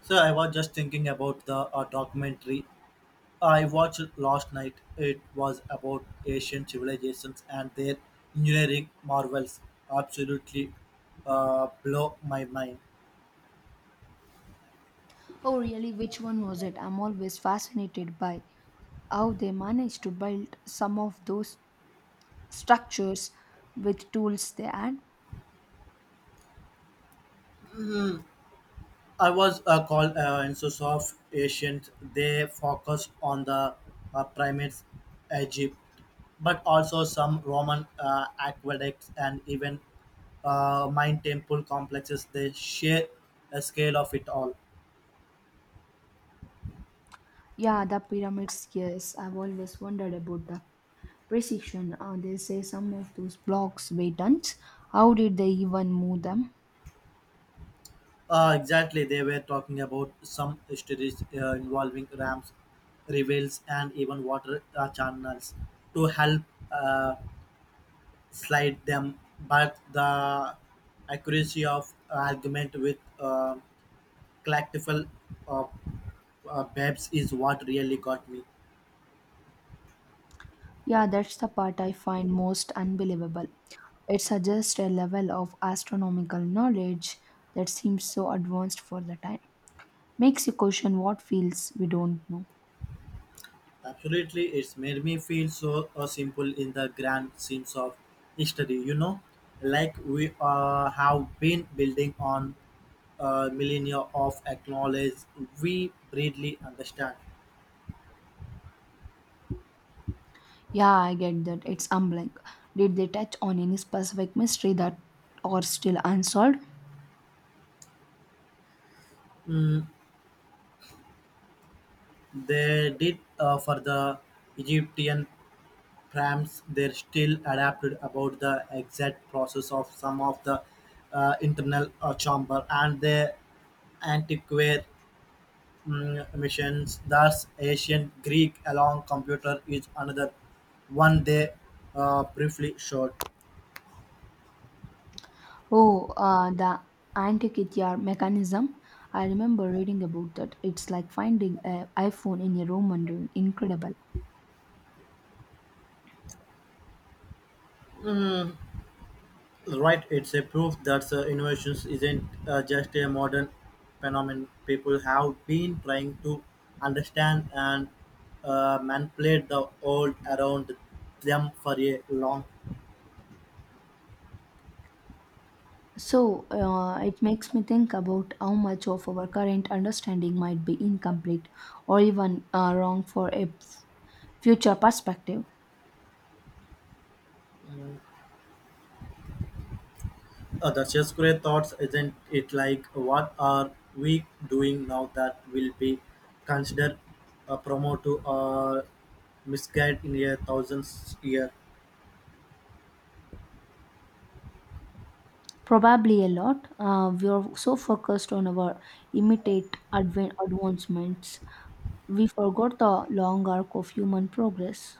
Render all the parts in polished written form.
So I was just thinking about the documentary I watched last night. It was about ancient civilizations and their engineering marvels. Absolutely blow my mind. Oh, really? Which one was it? I'm always fascinated by how they managed to build some of those structures with tools they had. I was called Ancestors of Ancient. They focus on the primates, Egypt, but also some Roman aqueducts and even mine temple complexes. They share a scale of it all. Yeah, the pyramids, yes. I've always wondered about the precision. They say some of those blocks weigh tons. How did they even move them? Exactly, they were talking about some stories involving ramps, rivels, and even water channels to help uh, slide them. But the accuracy of argument with collectible uh, babes is what really got me. Yeah, that's the part I find most unbelievable. It suggests a level of astronomical knowledge that seems so advanced for the time. Makes you question what fields we don't know. Absolutely, it's made me feel so simple in the grand scenes of history, you know, like we have been building on millennia of acknowledge we greatly understand. Yeah, I get that. It's humbling. Did they touch on any specific mystery that are still unsolved? Mm, they did for the Egyptian prams, they're still adapted about the exact process of some of the internal chamber and the antiquary missions. Thus, ancient Greek along computer is another one they briefly showed. Oh, the Antikythera mechanism. I remember reading about that. It's like finding an iPhone in a Roman ruin. Incredible. Right, it's a proof that innovations isn't just a modern phenomenon. People have been trying to understand and manipulate the old around them for a long. So, it makes me think about how much of our current understanding might be incomplete or even wrong for a future perspective. The Shakespeare thoughts isn't it? Like what are we doing now that will be considered a promo to a misguide in a thousandth year? Probably a lot. We are so focused on our immediate advancements, we forgot the long arc of human progress.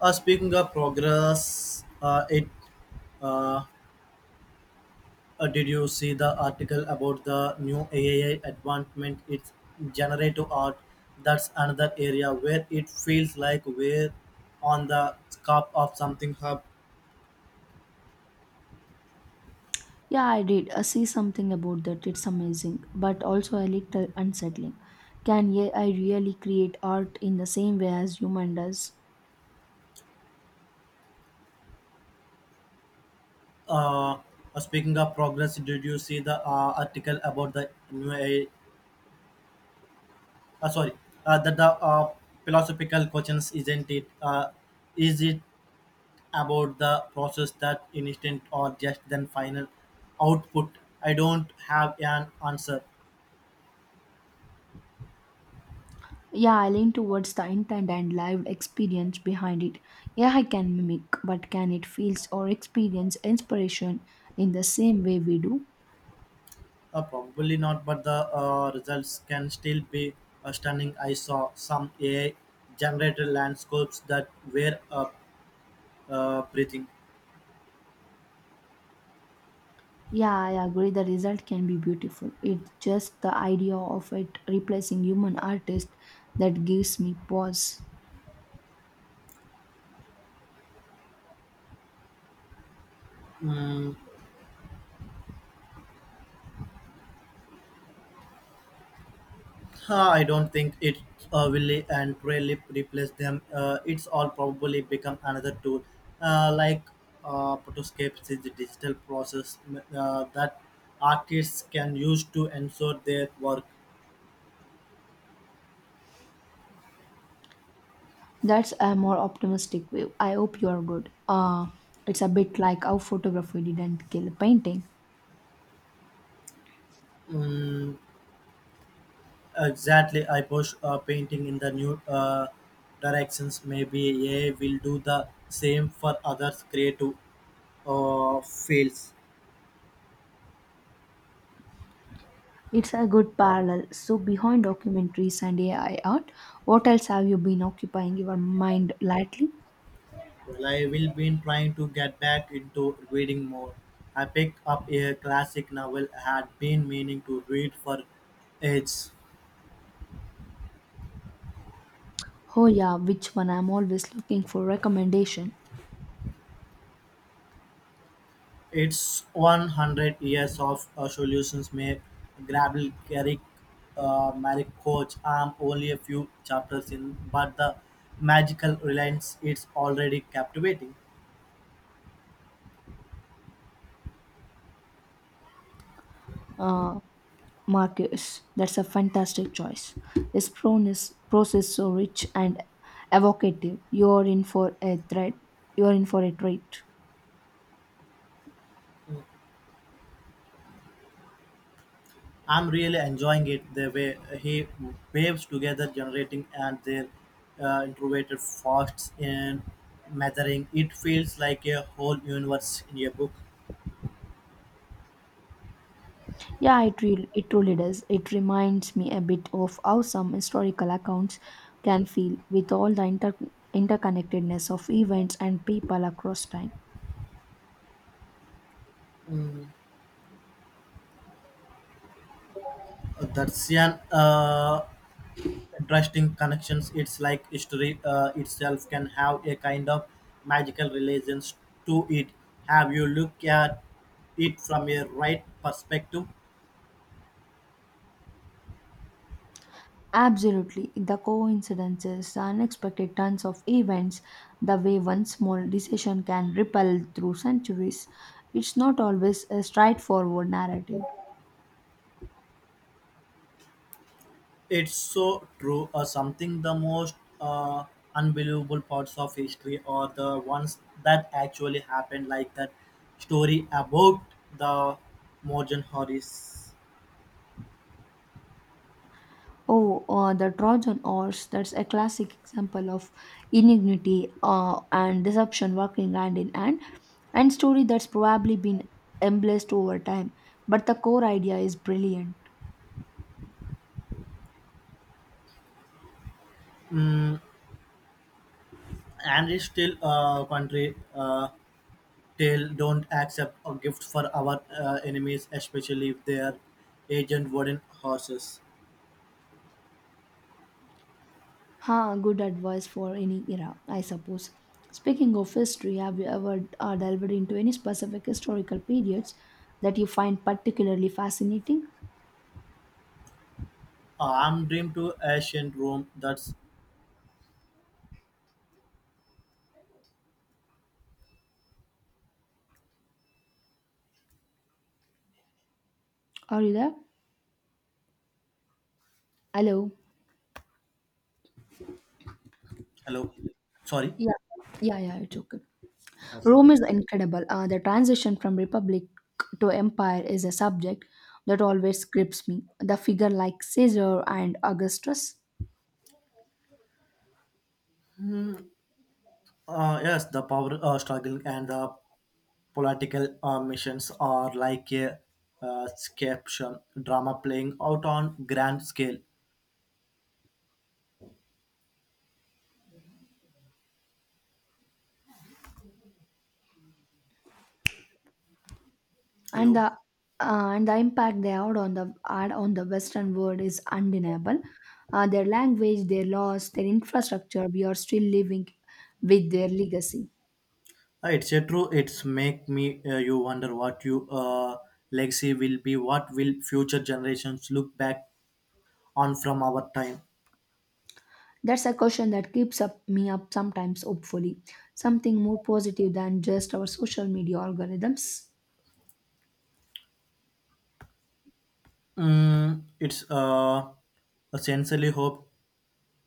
Speaking of progress, it uh, did you see the article about the new AI advancement? It's generative art. That's another area where it feels like we're on the scope of something hub. Yeah, I did. I see something about that. It's amazing, but also a little unsettling. Can AI really create art in the same way as human does? Uh, speaking of progress, did you see the article about the new AI? Sorry That the philosophical questions isn't it? Is it about the process that instant or just then final output? I don't have an answer. Yeah, I lean towards the intent and live experience behind it. Yeah, I can mimic, but can it feels or experience inspiration in the same way we do? Probably not, but the results can still be stunning. I saw some AI generated landscapes that were breathing. Yeah, I agree. The result can be beautiful. It's just the idea of it replacing human artist that gives me pause. Mm, I don't think it will entirely replace them. It's all probably become another tool, like Photoscape is the digital process that artists can use to ensure their work. That's a more optimistic view. I hope you are good. It's a bit like how photography didn't kill painting. Mm, exactly, I push painting in the new directions. Maybe AI will do the same for others creative fields. It's a good parallel. So, behind documentaries and AI art, what else have you been occupying your mind lately? Well, I will been trying to get back into reading more. I picked up a classic novel I had been meaning to read for ages. Oh, yeah, which one? I'm always looking for recommendation. It's 100 years of solutions may grapple Garrick Marrick Coach. I'm only a few chapters in, but the magical reliance it's already captivating. Uh, Marcus, that's a fantastic choice. His proness, prose is so rich and evocative. You're in for a threat. You're in for a treat. I'm really enjoying it the way he waves together, generating and their introverted thoughts in measuring. It feels like a whole universe in a book. Yeah, it really, it truly does. It reminds me a bit of how some historical accounts can feel with all the interconnectedness of events and people across time. Mm, that's an interesting connections. It's like history itself can have a kind of magical relations to it. Have you look at it from a right perspective? Absolutely, the coincidences, the unexpected turns of events, the way one small decision can ripple through centuries. It's not always a straightforward narrative. It's so true. Something the most uh, unbelievable parts of history or the ones that actually happened, like that story about the Morgan Horace. Oh, the Trojan horse, that's a classic example of ingenuity and deception working hand in hand, and story that's probably been embraced over time. But the core idea is brilliant. Mm, and it's still a country tale. Don't accept a gift for our enemies, especially if they are agent wooden horses. Ha, good advice for any era, I suppose. Speaking of history, have you ever delved into any specific historical periods that you find particularly fascinating? I'm dream to ancient Rome. That's Are you there? Hello? hello. Sorry. Yeah, yeah, yeah, it's okay. I said. Rome is incredible. The transition from republic to empire is a subject that always grips me. The figure like Caesar and Augustus. Yes, the power struggle and the political missions are like a uh, caption drama playing out on grand scale. and Hello. the and the impact they had on the Western world is undeniable. Their language, their laws, their infrastructure, we are still living with their legacy. It's a true. It's make me you wonder what you legacy will be. What will future generations look back on from our time? That's a question that keeps up me up sometimes, hopefully. Something more positive than just our social media algorithms. Mm, it's essentially hope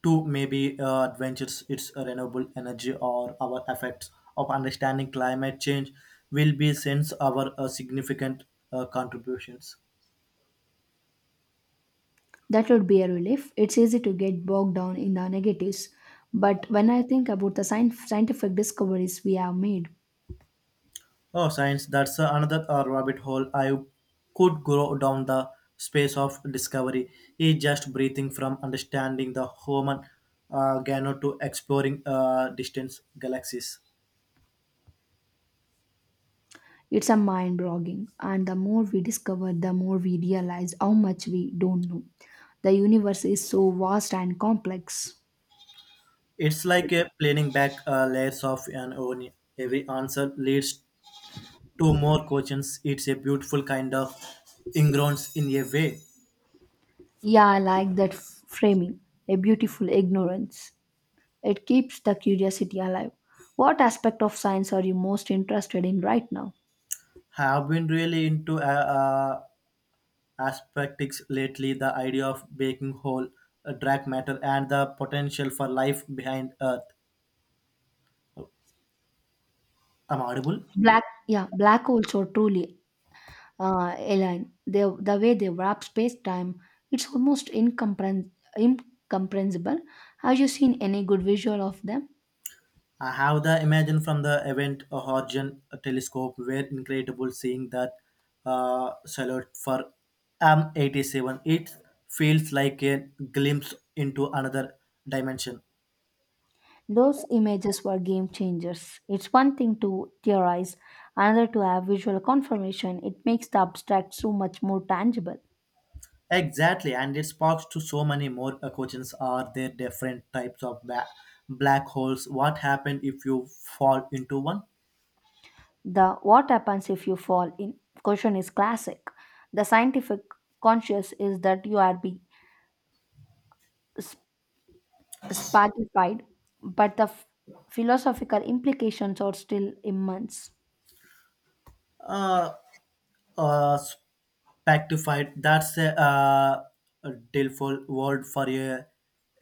to maybe adventures. It's a renewable energy or our effects of understanding climate change will be since our significant contributions. That would be a relief. It's easy to get bogged down in the negatives. But when I think about the scientific discoveries we have made, Oh, science, that's another rabbit hole I could go down the space of discovery. It's just breathing from understanding the human gano to exploring distant galaxies. it's a mind boggling, and the more we discover, the more we realize how much we don't know. The universe is so vast and complex. It's like a planning back layers of an onion. Every answer leads to more questions. It's a beautiful kind of ingrowns in a way. Yeah, I like that framing, a beautiful ignorance. It keeps the curiosity alive. What aspect of science are you most interested in right now? Have been really into Aspects lately, the idea of baking whole dark matter and the potential for life behind Earth. I'm audible. Black, yeah, black holes are truly alien. They, the way they wrap space time, it's almost incomprehensible. Have you seen any good visual of them? I have the imagine from the Event Horizon Telescope were incredible seeing that salute for M87. It feels like a glimpse into another dimension. Those images were game changers. It's one thing to theorize, another to have visual confirmation. It makes the abstract so much more tangible. Exactly, and it sparks to so many more questions. Are there different types of black holes? What happened if you fall into one? The what happens if you fall in question is classic. The scientific conscious is that you are be sp- spatified, but the philosophical implications are still immense. uh, Spectified. That's a delightful word for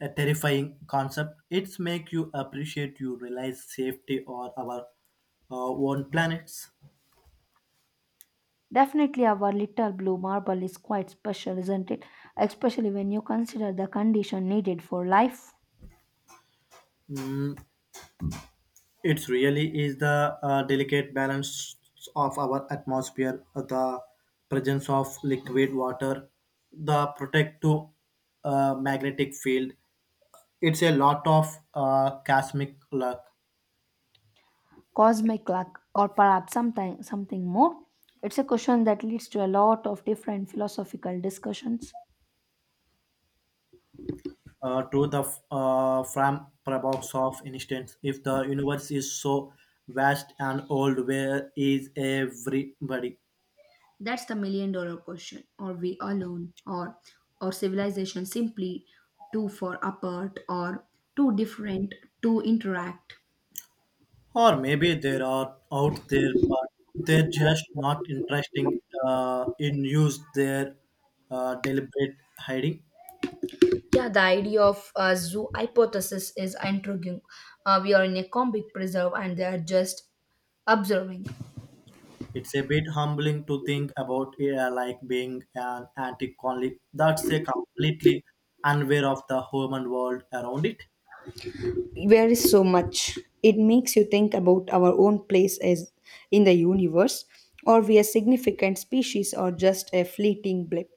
a terrifying concept. It's make you appreciate you realize safety or our own planets. Definitely, our little blue marble is quite special, isn't it? Especially when you consider the condition needed for life. Mm, it really is the delicate balance of our atmosphere, the presence of liquid water, the protective magnetic field. It's a lot of cosmic luck. Cosmic luck, or perhaps something, something more? It's a question that leads to a lot of different philosophical discussions. From parabox of instance, if the universe is so vast and old, where is everybody? That's the million-dollar question. Are we alone, or civilization simply too far apart or too different to interact? Or maybe there are out there but they're just not interesting in use their deliberate hiding. Yeah, the idea of a zoo hypothesis is intriguing. We are in a comic preserve and they are just observing. It's a bit humbling to think about like being an antique colony that's a completely unaware of the human world around it. There is so much. It makes you think about our own place as in the universe, or we a significant species or just a fleeting blip.